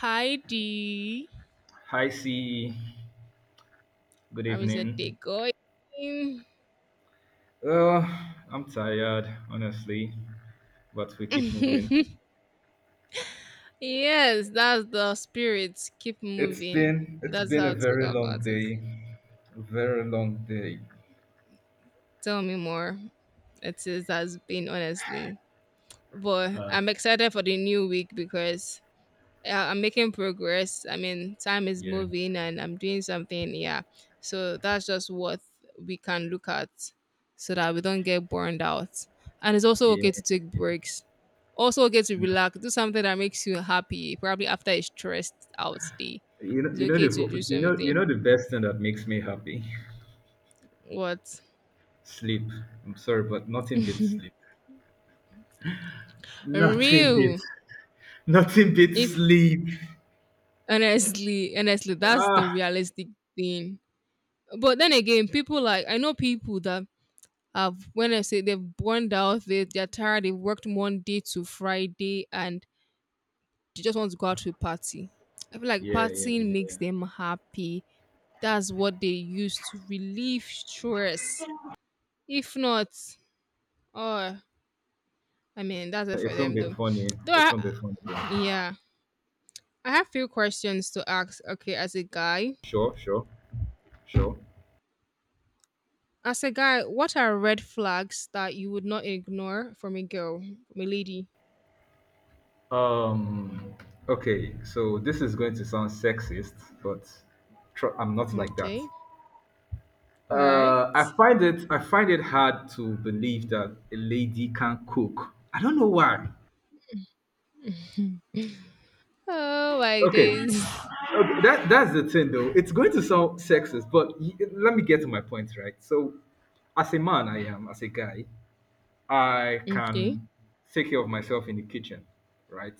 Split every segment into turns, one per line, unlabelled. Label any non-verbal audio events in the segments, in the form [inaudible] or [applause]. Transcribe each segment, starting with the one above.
Heidi.
Hi, C. Good
I was said
evening.
going. [laughs]
Uh, I'm tired, honestly, but we keep moving.
Yes, that's the spirit. Keep
It's
moving.
been it's
That's
been a
how to
very
go
long
about it.
day, very long day.
Tell me more. It is has been honestly. But
Uh,
I'm excited for the new week because yeah, I'm making progress. I mean, time is
yeah,
moving and I'm doing something. Yeah. So that's just what we can look at so that we don't get burned out. And it's also okay
yeah.
to take breaks. Also okay to relax. Do something that makes you happy. Probably after a stressed out day. It's
You know
okay
the
to do
whole- you
something.
know the best thing that makes me happy,
What?
[laughs] sleep. I'm sorry, but nothing beats sleep. Nothing beats
Real.
nothing beats
If
sleep.
honestly, honestly, that's the
Ah,
realistic thing. But then again, people like I know people that I've when I say they've burned out, they're tired, they've worked Monday to Friday and they just want to go out to a party. I feel like
yeah, yeah,
partying makes
yeah.
them happy. That's what they use to relieve stress. If not, oh I mean that's it for
It won't
them
be
though.
funny.
Though
It
I,
won't be funny. Though.
yeah. I have few questions to ask, okay, as a guy.
Sure, sure, sure.
As a guy, what are red flags that you would not ignore from a girl, from a lady?
Um, okay, so this is going to sound sexist, but I'm not like that.
Okay. All right.
I find it hard to believe that a lady can cook. I don't know why.
Oh my
Okay,
days. [laughs]
okay that's the thing though. It's going to sound sexist, but let me get to my point, right? So, as a man, I am as a guy. I
Okay.
can take care of myself in the kitchen, right?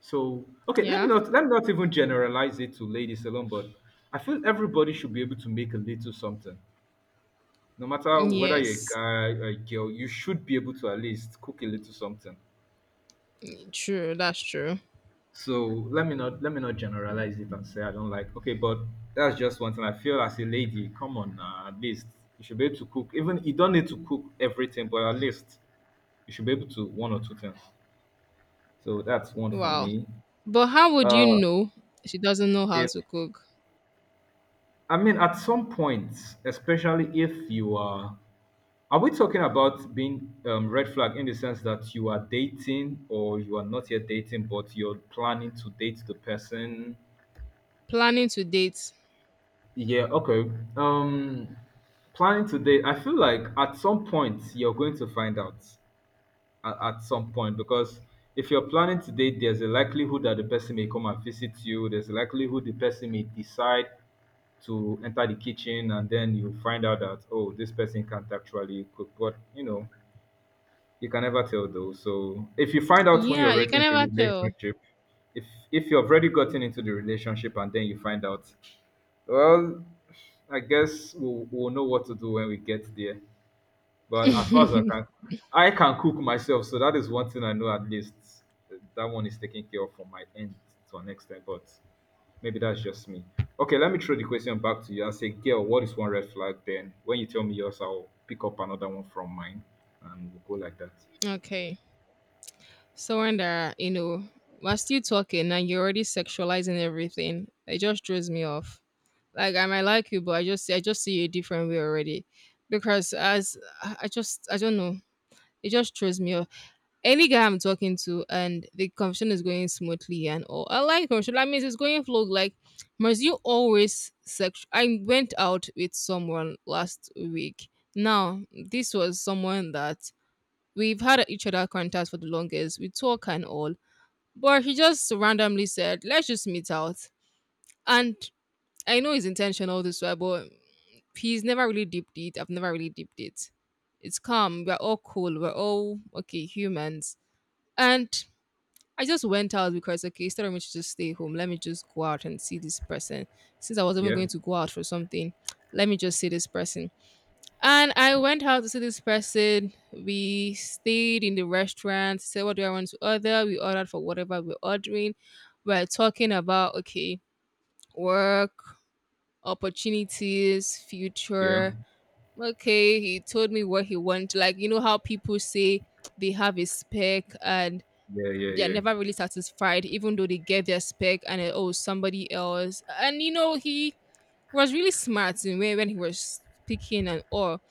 So, okay,
Yeah.
let me not even generalize it to ladies alone, but I feel everybody should be able to make a little something. No matter whether you're a
Yes.
guy or a girl, you should be able to at least cook a little something.
True. That's true.
So let me not generalize it and say I don't like. Okay, but that's just one thing. I feel as a lady, come on, at least you should be able to cook. Even you don't need to cook everything, but at least you should be able to one or two things. So that's one for
Wow.
me.
But how would you
Uh,
know she doesn't know how
if
to cook?
I mean, at some point, especially if are we talking about being red flag in the sense that you are dating or you are not yet dating, but you're planning to date the person?
Planning to date.
Yeah, okay. Um, Planning to date, I feel like at some point you're going to find out at some point because if you're planning to date, there's a likelihood that the person may come and visit you. There's a likelihood the person may decide to enter the kitchen and then you find out that oh, this person can't actually cook, but you know you can never tell though. So if you find out when you're
Yeah, you
already
can
into a
never tell.
relationship, if if you've already gotten into the relationship and then you find out, well, I guess we'll know what to do when we get there, but as far as
[laughs]
I can cook myself, so that is one thing I know at least. That one is taken care of from my end to an extent, but maybe that's just me. Okay, let me throw the question back to you and say, girl, what is one red flag then? When you tell me yours, I'll pick up another one from mine and we'll go like that.
Okay. So when there, you know, we're still talking and you're already sexualizing everything. It just throws me off. Like I might like you, but I just see you a different way already. Because as I just I don't know. It just throws me off. Any guy I'm talking to and the conversation is going smoothly and all. I like conversation. That means it's going flow. Like, must you always sex? I went out with someone last week. Now, this was someone that we've had each other contacts for the longest. We talk and all. But he just randomly said, let's just meet out. And I know his intentional this way, but he's never really deeped it. I've never really deeped it. It's calm. We're all cool. We're all okay humans. And I just went out because okay, instead of me to just stay home, let me just go out and see this person. Since I was even
Yeah,
going to go out for something, [tsk] let me just see this person. And I went out to see this person. We stayed in the restaurant, said what do I want to order? We ordered for whatever we're ordering. We're talking about okay, work, opportunities,
yeah,
future. Okay, he told me what he wants. Like you know how people say they have a spec and
yeah, yeah,
they're
yeah,
never really satisfied, even though they get their spec and oh somebody else. And you know, he was really smart in way when he was speaking and all.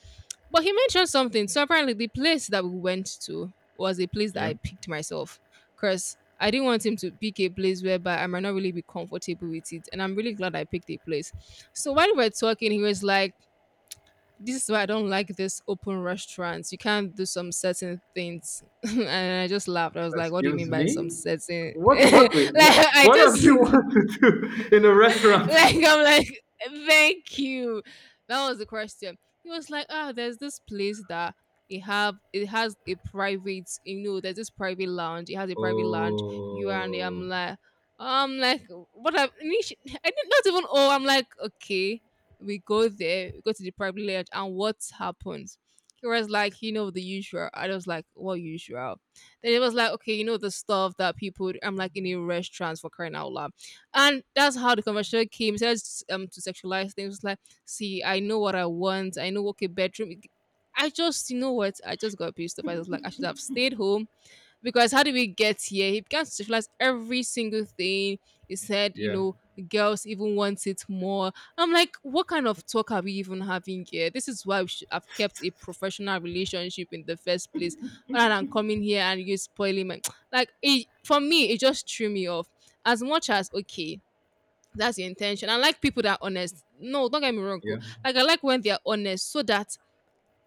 But he mentioned something. So apparently the place that we went to was a place that
yeah.
I picked myself. Cause I didn't want him to pick a place whereby I might not really be comfortable with it. And I'm really glad I picked a place. So while we were talking, he was like, this is why I don't like this open restaurants. You can't do some certain things. [laughs] And I just laughed. I was like, what do you
Excuse
mean by some
me?
certain? [laughs]
What,
Like,
what, wait, what,
I
what does
just,
he [laughs]
[laughs]
want to do in a
[laughs]
restaurant? [laughs]
like I'm like, thank you. That was the question. He was like, ah, there's this place that it has a private, you know, there's this private lounge. It has a private lounge. You are in there.
Oh,
I'm like, [laughs] I did not even oh, I'm like, okay, we go to the private lounge, and what happens? He was like, you know, the usual. I was like, what usual? Then it was like, okay, you know, the stuff that people, I'm like in a restaurant for crying out loud and that's how the conversation came. He says to sexualize things like, see, I know what I want. I know what a bedroom. I just, you know what? I just got pissed off. I was like, I should have stayed home because how did we get here? He began to sexualize every single thing. He said, you
yeah,
know, girls even want it more. I'm like, what kind of talk are we even having here? This is why we should have kept a professional relationship in the first place, rather than coming here and you spoiling my [tsk] like. It, for me, it just threw me off as much as okay that's your intention. I like people that are honest. No, don't get me wrong.
yeah.
Oh. Like I like when they're honest so that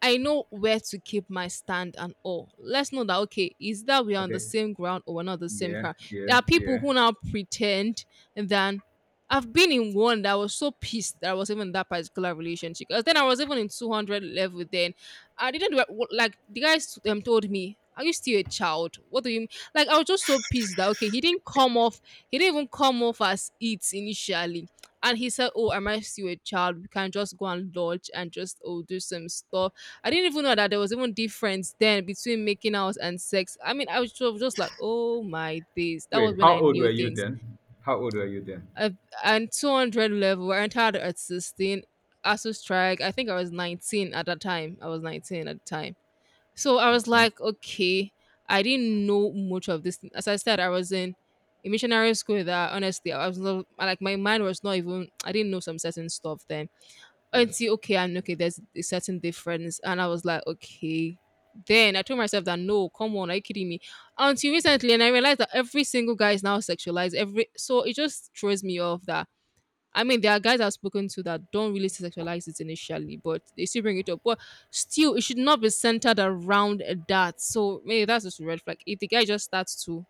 I know where to keep my stand and all. Let's know that okay, is that we are on the
Okay.
same ground or we're not the same
Yeah,
ground.
yeah,
There are people
yeah.
who now pretend that I've been in one that I was so pissed that I was even in that particular relationship. Because then I was even in 200 level then. I didn't re- what- like the guys told me, are you still a child? What do you mean? Like I was just so pissed that okay, he didn't come off, he didn't even come off as it initially. And he said, oh, am I still a child? We can just go and lodge and just oh do some stuff. I didn't even know that there was even difference then between making out and sex. I mean, I was just like, oh my days. That
Wait,
was when
how
I
old were
knew
you
things.
then? How old were you then?
I, and 200 level, I entered at 16. ASU strike, I think I was 19 at that time. I was 19 at the time. So I was
Okay,
like, okay, I didn't know much of this. As I said, I was in a missionary school that honestly, I was not, like, my mind was not even, I didn't know some certain stuff then
yes.
until okay, I'm okay, there's a certain difference. And I was like, okay. Then I told myself that no, come on, are you kidding me? Until recently, and I realized that every single guy is now sexualized. Every so it just throws me off that I mean there are guys I've spoken to that don't really sexualize it initially, but they still bring it up. But still, it should not be centered around that. So maybe that's just a red flag. If the guy just starts to